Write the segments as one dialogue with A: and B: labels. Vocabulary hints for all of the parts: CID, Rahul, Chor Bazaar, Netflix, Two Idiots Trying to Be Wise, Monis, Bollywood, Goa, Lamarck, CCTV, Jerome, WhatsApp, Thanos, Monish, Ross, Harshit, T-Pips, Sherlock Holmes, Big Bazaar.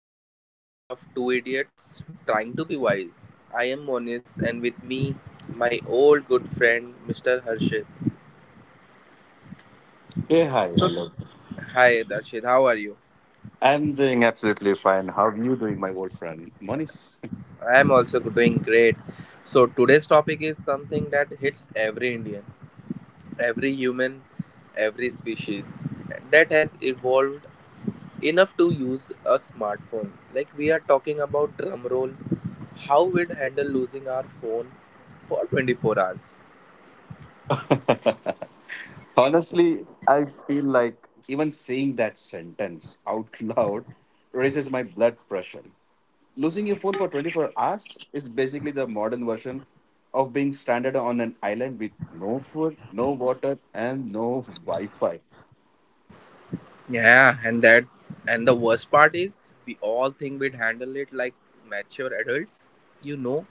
A: Another episode of Two Idiots Trying to Be Wise. I am Monis and with me my old good friend Mr. Harshit.
B: Hey, hi,
A: So
B: hello.
A: hi Harshit, how are you?
B: I'm doing absolutely fine. How are you doing, my old friend, Monish?
A: I am also doing great. So today's topic is something that hits every Indian, every human, every species that has evolved enough to use a smartphone. Like we are talking about drum roll, how we'd handle losing our phone for 24 hours.
B: Honestly, I feel like even saying that sentence out loud raises my blood pressure. Losing your phone for 24 hours is basically the modern version of being stranded on an island with no food, no water, and no Wi Fi.
A: Yeah, and the worst part is we all think we'd handle it like mature adults. You know,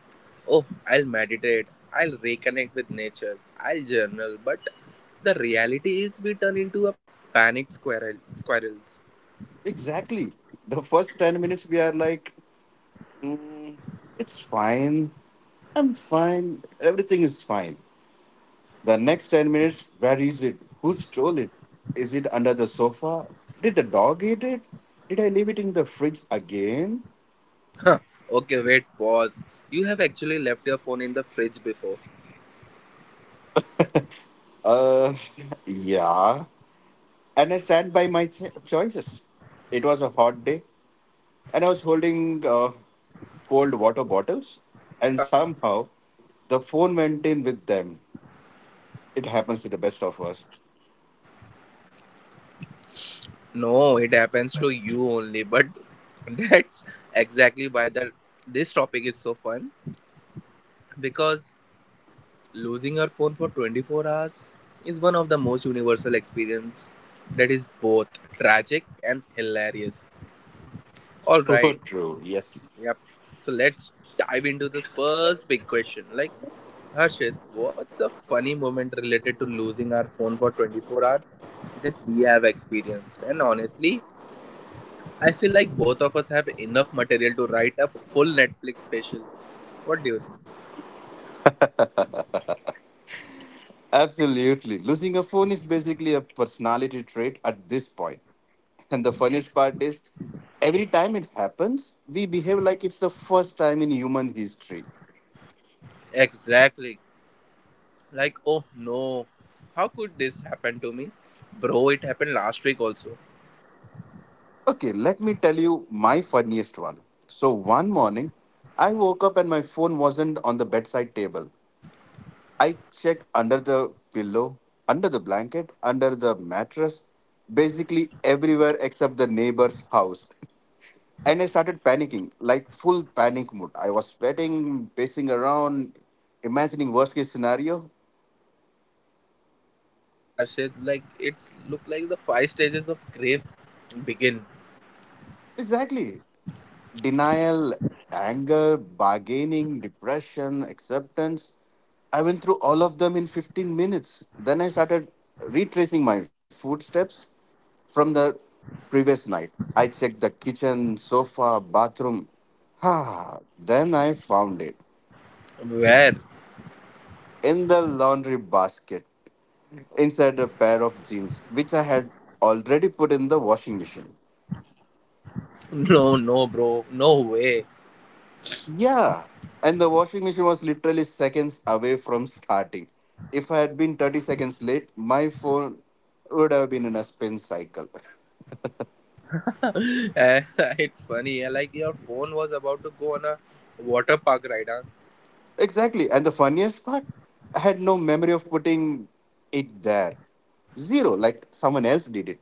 A: oh, I'll meditate, I'll reconnect with nature, I'll journal, but the reality is we turn into a panic squirrels.
B: Exactly. The first 10 minutes, we are like, "Mm, it's fine. I'm fine. Everything is fine." The next 10 minutes, where is it? Who stole it? Is it under the sofa? Did the dog eat it? Did I leave it in the fridge again?
A: Huh. Okay, wait, pause. You have actually left your phone in the fridge before.
B: Uh, yeah. And I stand by my choices. It was a hot day, and I was holding cold water bottles, and somehow the phone went in with them. It happens to the best of us.
A: No, it happens to you only. But that's exactly why that this topic is so fun because losing your phone for 24 hours is one of the most universal experience that is both tragic and hilarious. All
B: So
A: right.
B: true. Yes.
A: Yep. So let's dive into this first big question. Like Harshit, what's a funny moment related to losing our phone for 24 hours that we have experienced? And honestly, I feel like both of us have enough material to write a full Netflix special. What do you think?
B: Absolutely. Losing a phone is basically a personality trait at this point. And the funniest part is, every time it happens, we behave like it's the first time in human history.
A: Exactly. Like, oh no, how could this happen to me? Bro, it happened last week also.
B: Okay, let me tell you my funniest one. So, one morning, I woke up and my phone wasn't on the bedside table. I checked under the pillow, under the blanket, under the mattress, basically everywhere except the neighbor's house. And I started panicking, like full panic mode. I was sweating, pacing around, imagining worst case scenario.
A: Huh, classic one, huh, Arshid. Like, it's look like the five stages of grief begin.
B: Exactly. Denial, anger, bargaining, depression, acceptance. I went through all of them in 15 minutes. Then I started retracing my footsteps from the previous night. I checked the kitchen, sofa, bathroom. Ha! Then I found it
A: Where?
B: in the laundry basket, inside a pair of jeans, which I had already put in the washing machine.
A: No, no, bro. No way.
B: Yeah, and the washing machine was literally seconds away from starting. If I had been 30 seconds late, my phone would have been in a spin cycle.
A: Eh, it's funny. Yeah, like, your phone was about to go on a water park ride, huh?
B: Exactly, and the funniest part, I had no memory of putting it there. Zero, like someone else did it.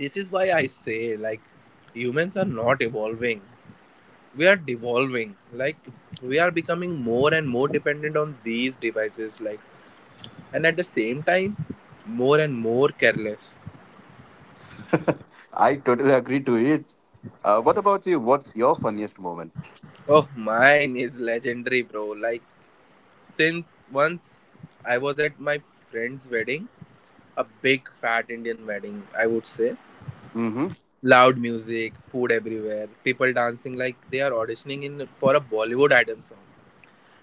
A: This is why I say, like, humans are not evolving, we are devolving, like, we are becoming more and more dependent on these devices, like, and at the same time more and more careless.
B: I totally agree to it. What about you? What's your funniest moment?
A: Oh, mine is legendary, bro. Like, since once I was at my friend's wedding, a big fat Indian wedding, I would say.
B: Mm-hmm.
A: Loud music, food everywhere, people dancing like they are auditioning in for a Bollywood item song.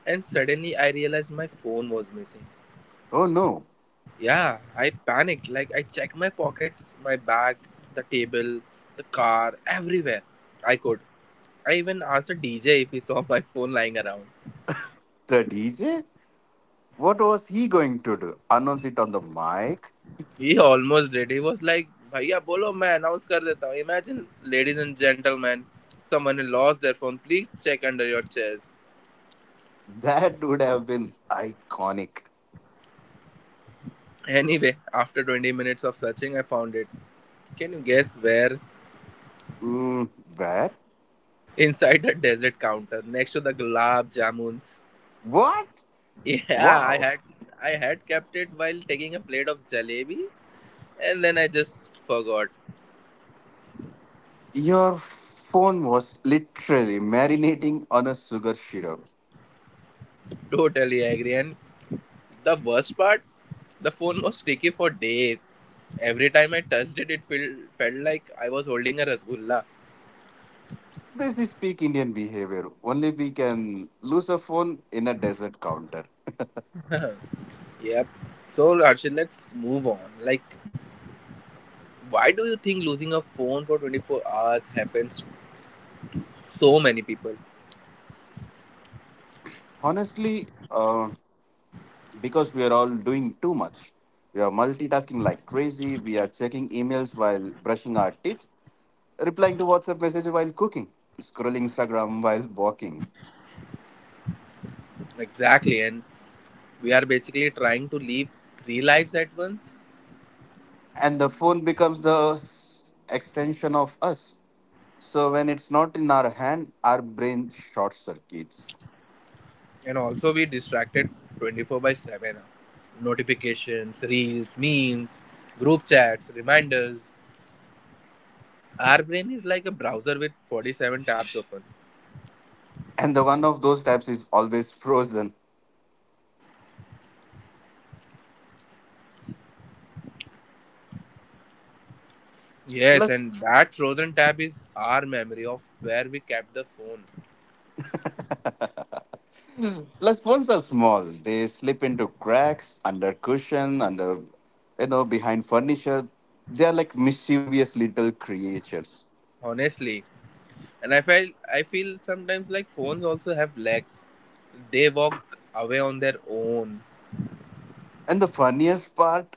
A: And suddenly I realized my phone was missing.
B: Oh no.
A: Yeah, I panicked. Like, I checked my pockets, my bag, the table, the car, everywhere I could. I even asked the DJ if he saw my phone lying around.
B: The DJ? What was he going to do? Announce it on the mic?
A: He almost did. He was like, "Bhaiya, bolo, मैं announce kar देता हूँ." Imagine, ladies and gentlemen, someone has lost their phone. Please check under your chairs.
B: That would have been iconic.
A: Anyway, after 20 minutes of searching, I found it. Can you guess where?
B: Mm, where?
A: Inside the desert counter, next to the gulab jamuns.
B: What?
A: Yeah, I
B: Wow.
A: had I had kept it while taking a plate of jalebi and then I just forgot.
B: Your phone was literally marinating on a sugar syrup.
A: Totally agree. And the worst part, the phone was sticky for days. Every time I touched it, it felt like I was holding a rasgulla.
B: This is peak Indian behavior. Only we can lose a phone in a desert counter.
A: Yep. So Arshil, let's move on. Like, why do you think losing a phone for 24 hours happens to so many people?
B: Honestly, because we are all doing too much. We are multitasking like crazy. We are checking emails while brushing our teeth, replying to WhatsApp messages while cooking, scrolling Instagram while walking.
A: Exactly. And we are basically trying to live three lives at once.
B: And the phone becomes the extension of us. So when it's not in our hand, our brain short circuits.
A: And also, we distracted 24 by 7 notifications, reels, memes, group chats, reminders. Our brain is like a browser with 47 tabs open.
B: And the one of those tabs is always frozen.
A: Yes,
B: Plus,
A: and that frozen tab is our memory of where we kept the phone.
B: Plus, ones are small. They slip into cracks, under cushion, under, behind furniture. They are like mischievous little creatures.
A: Honestly, and I feel sometimes like phones also have legs. They walk away on their own.
B: And the funniest part,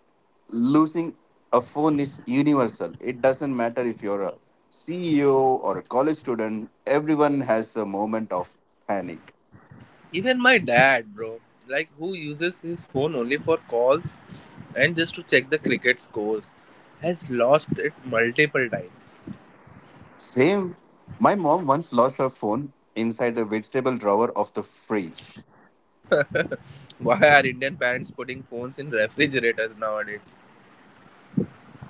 B: losing a phone is universal. It doesn't matter if you're a CEO or a college student. Everyone has a moment of panic.
A: Even my dad, bro, like who uses his phone only for calls and just to check the cricket scores, has lost it multiple times.
B: Same. My mom once lost her phone inside the vegetable drawer of the fridge.
A: Why are Indian parents putting phones in refrigerators nowadays?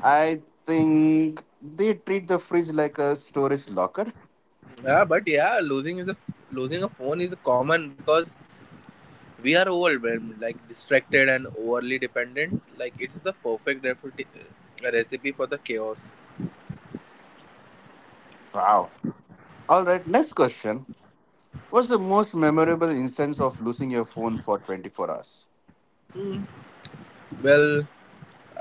B: I think they treat the fridge like a storage locker.
A: Yeah, but yeah, losing a phone is common because we are overwhelmed, like distracted and overly dependent. Like it's the perfect recipe for the chaos.
B: Wow. All right, next question. What's the most memorable instance of losing your phone for 24 hours?
A: Hmm. Well,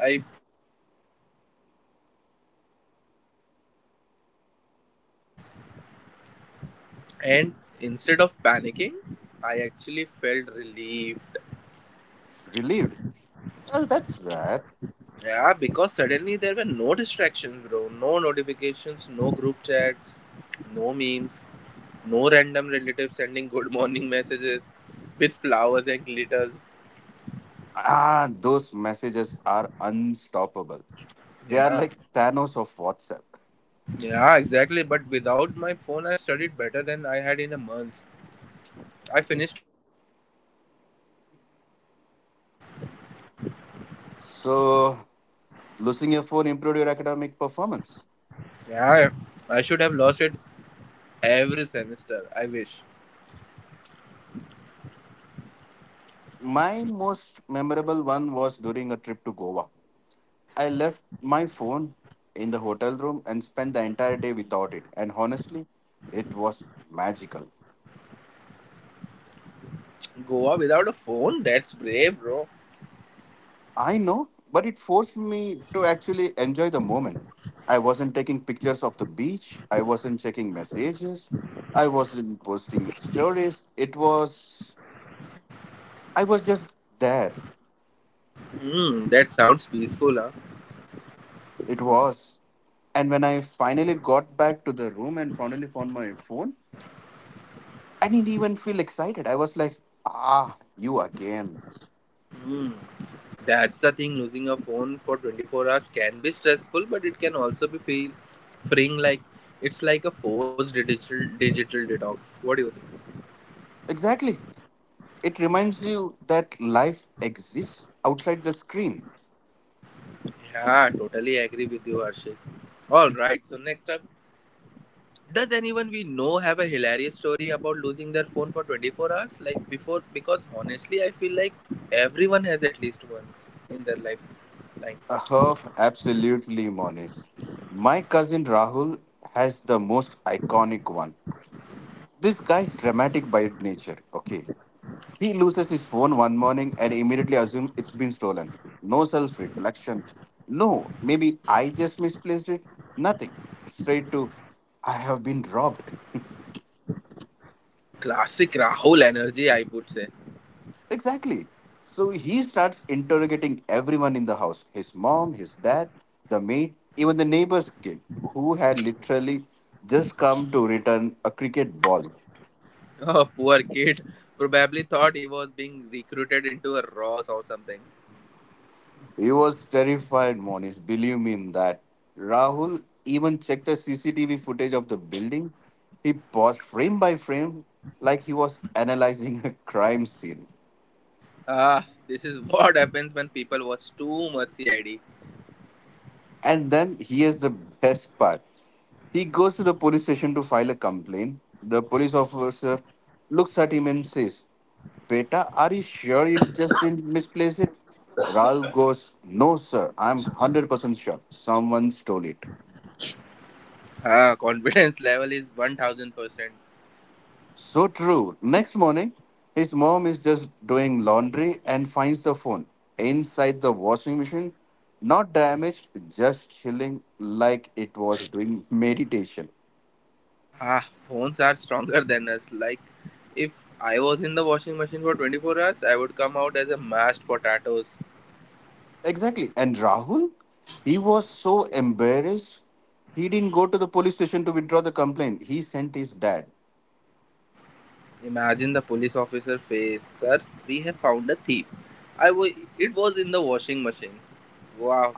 A: I think mine is from college. Like I lost my phone during exam week, and instead of panicking, I actually felt relieved.
B: Relieved? Well, that's rad.
A: Yeah, because suddenly there were no distractions, bro. No notifications, no group chats, no memes, no random relatives sending good morning messages with flowers and glitters.
B: Ah, those messages are unstoppable. They are
A: Yeah,
B: like Thanos of WhatsApp.
A: yeah, exactly. But without my phone, I studied better than I had in a month. I finished two chapters in one sitting. Well,
B: So, losing your phone improved your academic performance?
A: yeah, I should have lost it every semester. I wish.
B: My most memorable one was during a trip to Goa. I left my phone in the hotel room and spent the entire day without it. And honestly, it was magical.
A: Goa without a phone? That's brave, bro.
B: I know, but it forced me to actually enjoy the moment. I wasn't taking pictures of the beach, I wasn't checking messages, I wasn't posting stories. I was just there.
A: Hmm, that sounds peaceful, huh?
B: It was. And when I finally got back to the room and finally found my phone, I didn't even feel excited. I was like, ah, you again.
A: Hmm. That's the thing, losing a phone for 24 hours can be stressful, but it can also be feel freeing, like it's like a forced digital detox. What do you think?
B: Exactly. It reminds you that life exists outside the screen.
A: Yeah, totally agree with you, Arshit. All right, so next up, does anyone we know have a hilarious story about losing their phone for 24 hours like before, because honestly, I feel like everyone has at least once in their lives. Like,
B: Oh, absolutely, Monis. My cousin Rahul has the most iconic one. This guy is dramatic by nature, okay? He loses his phone one morning and immediately assumes it's been stolen. No self reflection. No, maybe I just misplaced it. Nothing. Straight to, I have been robbed.
A: classic Rahul energy, I would say.
B: Exactly. So he starts interrogating everyone in the house, his mom, his dad, the maid, even the neighbor's kid, who had literally just come to return a cricket ball.
A: Oh, poor kid. Probably thought he was being recruited into a Ross or something.
B: He was terrified, Monis, believe me in that. Rahul even checked the CCTV footage of the building. He paused frame by frame like he was analyzing a crime scene.
A: Ah, this is what happens when people watch too much CID.
B: And then here's the best part. He goes to the police station to file a complaint. The police officer looks at him and says, "Beta, are you sure you just didn't misplace it?" Raul goes, "No, sir, I'm 100% sure. Someone stole it."
A: Ah, confidence level is 1000%.
B: So true. Next morning, his mom is just doing laundry and finds the phone inside the washing machine, not damaged, just chilling like it was doing meditation.
A: Ah, phones are stronger than us. Like, if I was in the washing machine for 24 hours, I would come out as a mashed potatoes.
B: Exactly. And Rahul, he was so embarrassed. He didn't go to the police station to withdraw the complaint. He sent his dad.
A: Imagine the police officer face, sir, we have found a thief. It was in the washing machine. Wow.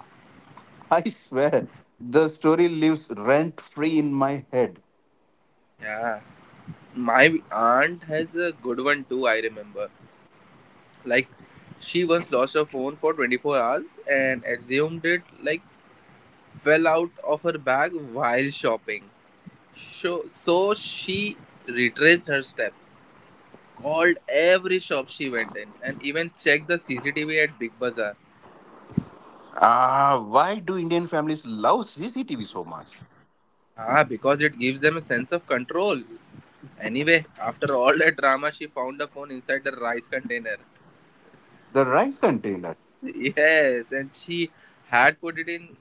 B: I swear, the story lives rent free in my head.
A: Yeah. My aunt has a good one too, I remember. Like, she once lost her phone for 24 hours and assumed it, like, fell out of her bag while shopping. So she retraced her steps, called every shop she went in, and even checked the CCTV at Big Bazaar.
B: Ah, why do Indian families love CCTV so much?
A: Ah, because it gives them a sense of control. Anyway, after all that drama, she found the phone inside the rice container.
B: The rice container?
A: Yes, and she had put it in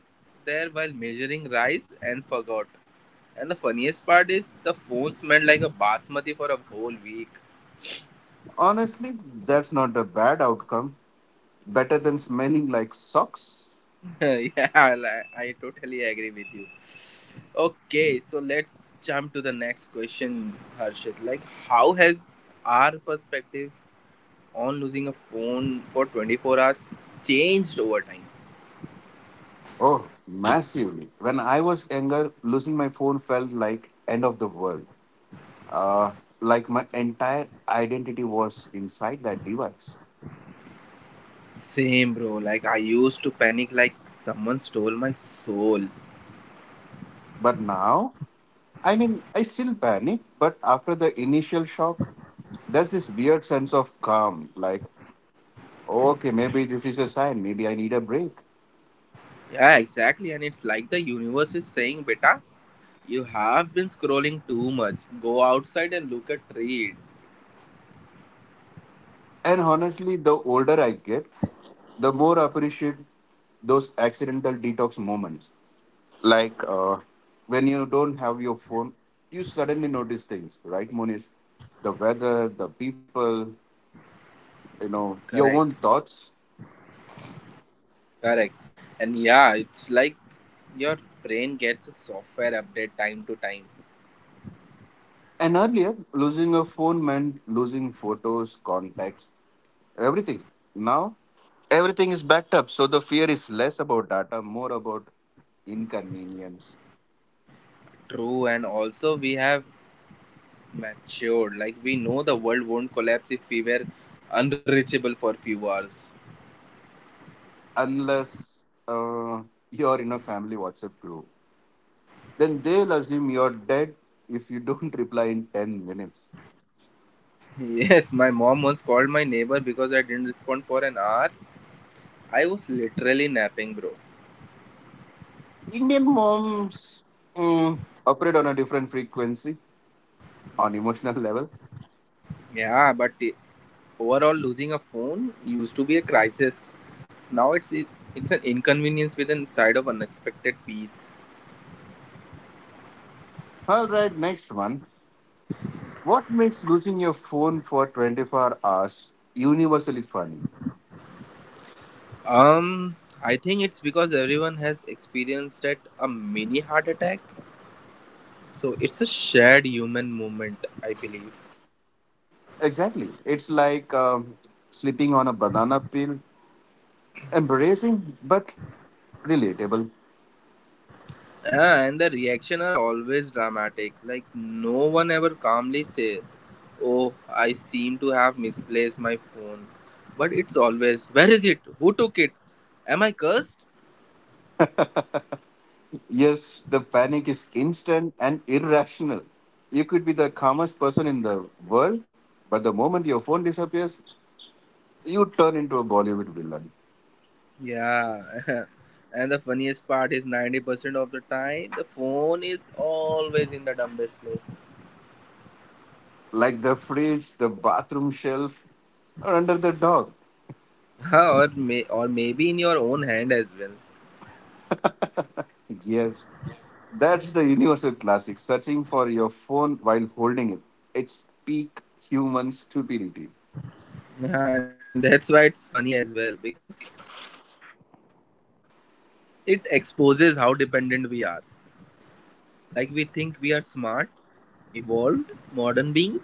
A: there while measuring rice and forgot. And the funniest part is the phone smelled like a basmati for a whole week.
B: Honestly, that's not a bad outcome. Better than smelling like socks.
A: Yeah, I totally agree with you. Okay, so let's jump to the next question, Harshit. Like, how has our perspective on losing a phone for 24 hours changed over time?
B: Oh, massively. When I was younger, losing my phone felt like end of the world. Uh, like my entire identity was inside that device.
A: Same, bro. Like, I used to panic like someone stole my soul.
B: But now, I mean, I still panic, but after the initial shock, there's this weird sense of calm. Like, okay, maybe this is a sign. Maybe I need a break.
A: Yeah, exactly. And it's like the universe is saying, Beta, you have been scrolling too much. Go outside and look at tree.
B: And honestly, the older I get, the more I appreciate those accidental detox moments. Like when you don't have your phone, you suddenly notice things, right, Moniz? The weather, the people, you know, your own
A: Correct.
B: thoughts.
A: Correct. And yeah, it's like your brain gets a software update time to time.
B: And earlier, losing a phone meant losing photos, contacts, everything. Now everything is backed up, so the fear is less about data, more about inconvenience.
A: True. And also, we have matured. Like, we know the world won't collapse if we were unreachable for few hours.
B: Unless you're in a family WhatsApp group, then they'll assume you're dead if you don't reply in 10 minutes.
A: Yes, my mom once called my neighbor because I didn't respond for an hour. I was literally napping, bro.
B: Indian moms mm, operate on a different frequency, on emotional level.
A: Yeah, but overall, losing a phone used to be a crisis. Now it's an inconvenience with a side of unexpected peace.
B: All right, next one. What makes losing your phone for 24 hours universally funny?
A: Um, I think it's because everyone has experienced at a mini heart attack. So it's a shared human moment, I believe.
B: Exactly. It's like sleeping on a banana peel, embarrassing but relatable.
A: Yeah, and the reaction are always dramatic. Like no one ever calmly say, "Oh, I seem to have misplaced my phone," but it's always, "Where is it? Who took it? Am I cursed?"
B: Yes, the panic is instant and irrational. You could be the calmest person in the world, but the moment your phone disappears, you turn into a Bollywood villain.
A: Yeah, and the funniest part is 90% of the time the phone is always in the dumbest place.
B: Like the fridge, the bathroom shelf, or under the dog.
A: Or maybe in your own hand as well.
B: Yes, that's the universal classic. Searching for your phone while holding it. It's peak human stupidity.
A: Yeah, and that's why it's funny as well because it exposes how dependent we are. Like we think we are smart, evolved, modern beings,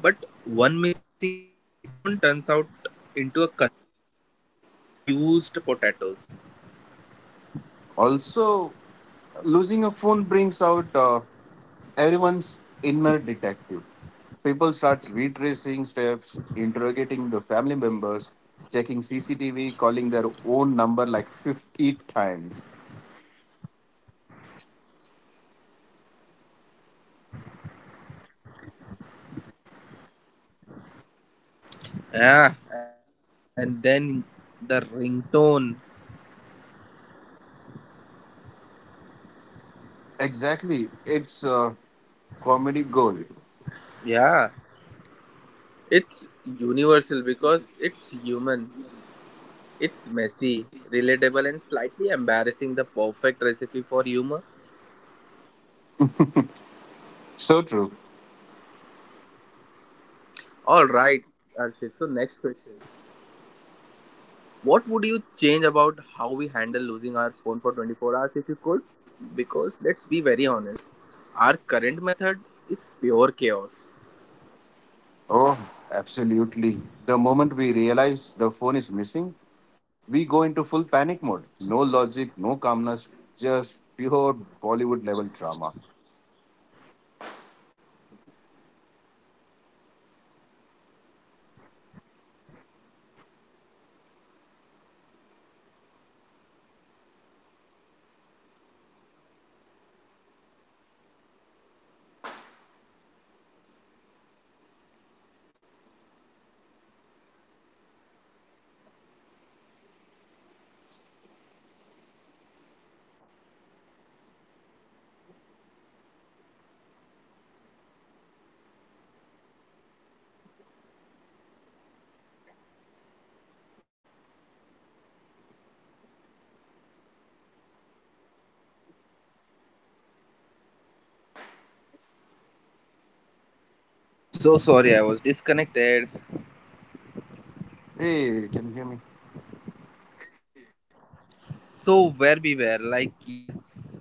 A: but one missing phone turns out into a confused potatoes.
B: Also, losing a phone brings out everyone's inner detective. People start retracing steps, interrogating the family members, checking CCTV, calling their own number like 50 times.
A: Yeah, and then the ringtone comes from.
B: Exactly. It's a comedy gold.
A: Yeah, it's universal because it's human. It's messy, relatable, and slightly embarrassing. The perfect recipe for humor.
B: So true.
A: All right, Arshit. So, next question. What would you change about how we handle losing our phone for 24 hours if you could? Because let's be very honest, our current method is pure chaos.
B: Oh, absolutely. The moment we realize the phone is missing, we go into full panic mode. No logic, no calmness, just pure Bollywood level drama.
A: I'm so sorry, I was disconnected.
B: Hey, can you hear me?
A: So, where we were, like, yes,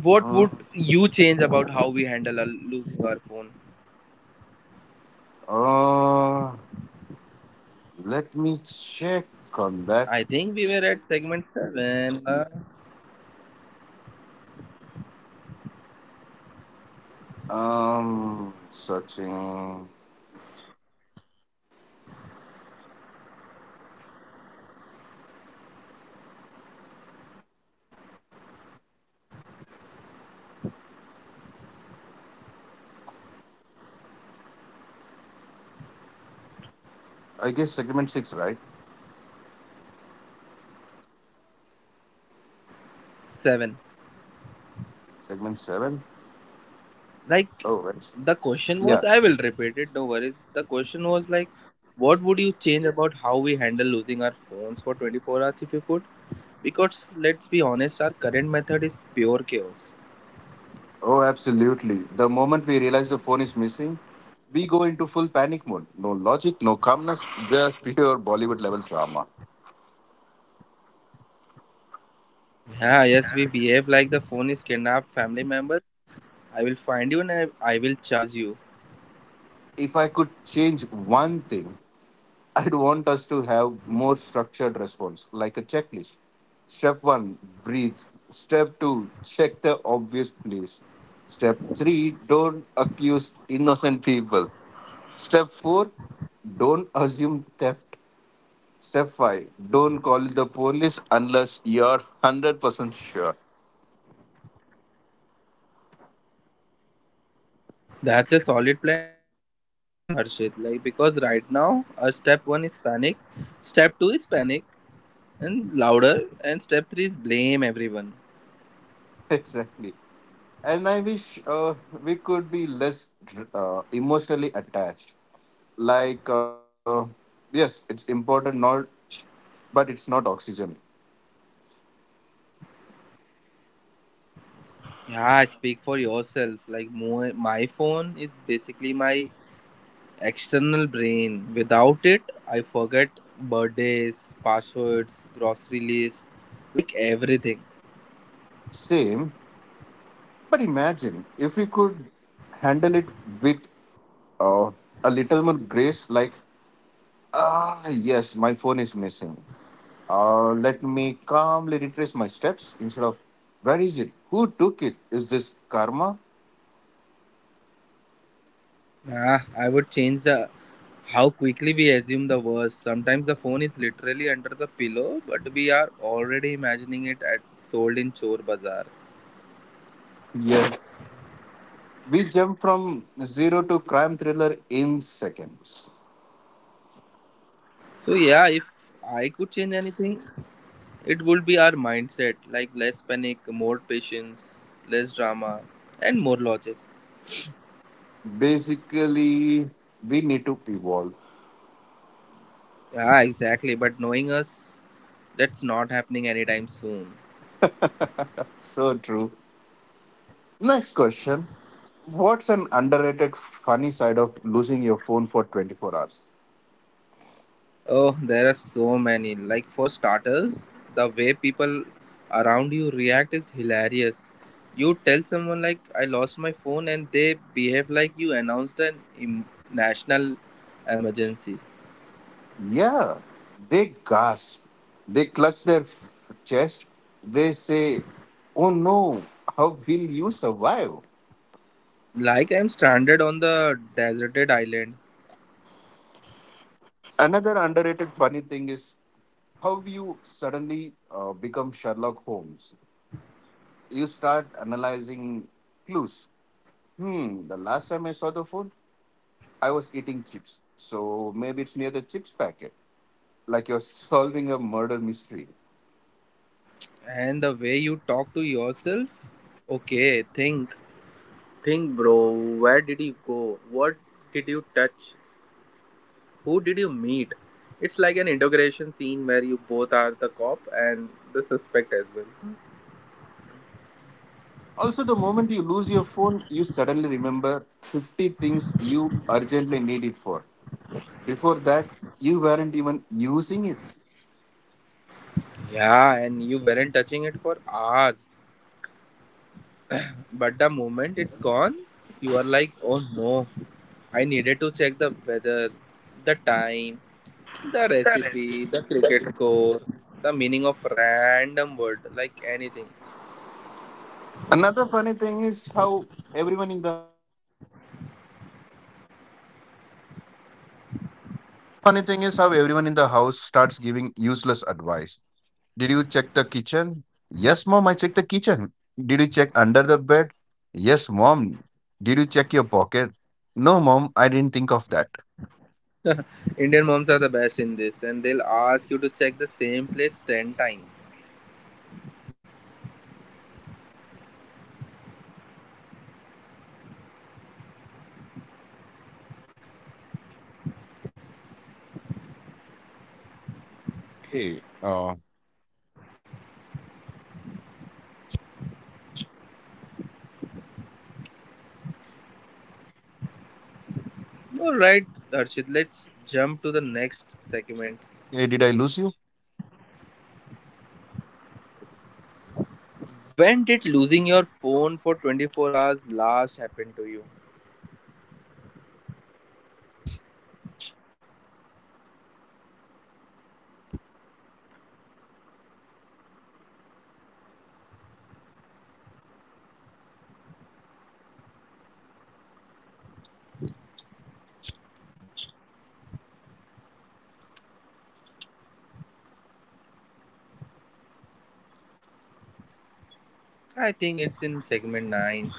A: what
B: Uh,
A: would you change about how we handle losing our phone?
B: uh, let me check on that.
A: I think we were at segment 7.
B: Searching. I guess segment six, right?
A: 7.
B: Segment seven?
A: Like,
B: Oh, right.
A: the question
B: Yeah.
A: was, I will repeat it, no worries. The question was, like, what would you change about how we handle losing our phones for 24 hours if you could? Because, let's be honest, our current method is pure chaos.
B: Oh, absolutely. The moment we realize the phone is missing, we go into full panic mode. No logic, no calmness, just pure Bollywood level drama.
A: Yeah, yes, we behave like the phone is kidnapped family member. I will find you and I will charge you.
B: If I could change one thing, I'd want us to have more structured response, like a checklist. Step one, breathe. Step two, check the obvious place. Step three, don't accuse innocent people. Step four, don't assume theft. Step five, don't call the police unless you're 100% sure.
A: That's a solid plan, Harshit. Like because right now, step one is panic, step two is panic and louder, and step three is blame everyone.
B: Exactly. And I wish we could be less emotionally attached. Like, yes, it's important, not, but it's not oxygen.
A: Yeah, speak for yourself. Like my phone is basically my external brain. Without it, I forget birthdays, passwords, grocery list, like everything.
B: Same. But imagine if we could handle it with uh, a little more grace, like, ah, yes, my phone is missing. Let me calmly retrace my steps instead of where is it? Who took it? Is this karma?
A: Nah, I would change the how quickly we assume the worst. Sometimes the phone literally under the pillow, but we are already imagining it at sold in Chor Bazaar.
B: Yes. We jump from zero to crime thriller in seconds.
A: So yeah, if I could change anything, it would be our mindset. Like less panic, more patience, less drama, and more logic.
B: Basically, we need to evolve.
A: Yeah, exactly. But knowing us, that's not happening anytime soon.
B: So true. Next question. What's an underrated funny side of losing your phone for 24 hours?
A: Oh, there are so many. Like, for starters, the way people around you react is hilarious. You tell someone, like, I lost my phone, and they behave like you announced an national emergency.
B: Yeah, they gasp, they clutch their chest, they say, "Oh no, how will you survive?"
A: Like, I'm stranded on the deserted island.
B: Another underrated funny thing is how you suddenly become Sherlock Holmes. You start analyzing clues. Hmm, the last time I saw the food, I was eating chips. So maybe it's near the chips packet, like you're solving a murder mystery.
A: And the way you talk to yourself, okay, think, bro, where did you go? What did you touch? Who did you meet? It's like an integration scene where you both are the cop and the suspect as well.
B: Also, the moment you lose your phone, you suddenly remember 50 things you urgently need it for. Before that, you weren't even using it.
A: Yeah, and you weren't touching it for hours. But the moment it's gone, you are like, oh no, I needed to check the weather, the time, the
B: Correct.
A: recipe, the cricket score, the meaning of random word, like anything.
B: Another funny thing is everyone in the how everyone in the house starts giving useless advice. Did you check the kitchen? Yes, mom, I checked the kitchen. Did you check under the bed? Yes, mom. Did you check your pocket? No, mom, I didn't think of that.
A: Indian moms are the best in this, and they'll ask you to check the same place 10 times.
B: Hey, uh,
A: Alright, Harshit, let's jump to the next segment.
B: hey, did I lose you?
A: When did losing your phone for 24 hours last happen to you? I think it's in segment 9.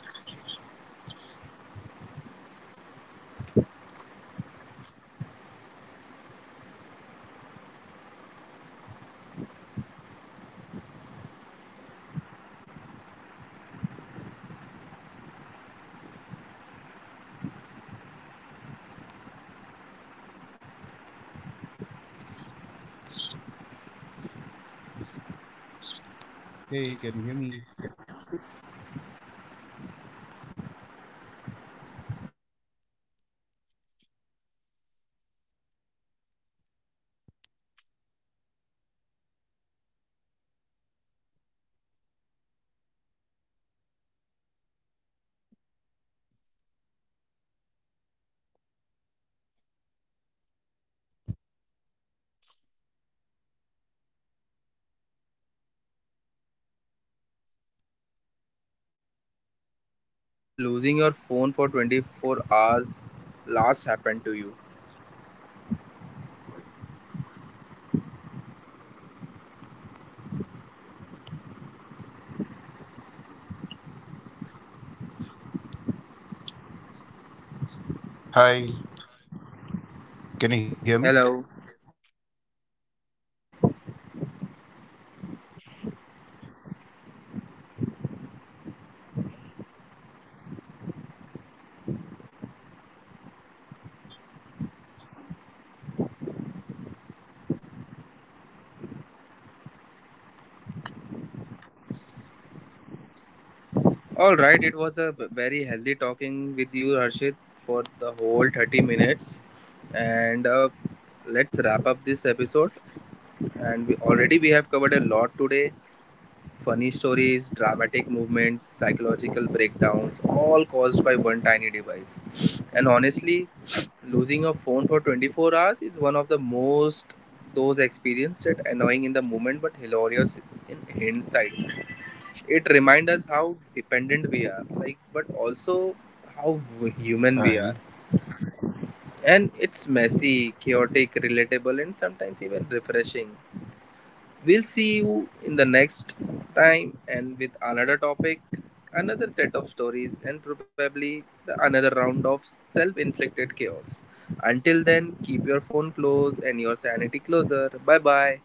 B: Hey, can you hear me?
A: Alright, Harshit, let's dive into the last segment of our talks. It's already been half an hour. So, my last question would be like, when did losing your phone for 24 hours last happen to you?
B: Hi, can you hear me?
A: Hello. All right, it was a very healthy talking with you, Harshit, for the whole 30 minutes. And let's wrap up this episode. And we have covered a lot today. Funny stories, dramatic movements, psychological breakdowns, all caused by one tiny device. And honestly, losing a phone for 24 hours is one of the most those experiences that annoying in the moment but hilarious in hindsight. It reminds us how dependent we are, like, but also how human we are.
B: Hi.
A: And it's messy, chaotic, relatable, and sometimes even refreshing. We'll see you in the next time and with another topic, another set of stories, and probably the another round of self inflicted chaos. Until then, keep your phone close and your sanity closer. Bye bye.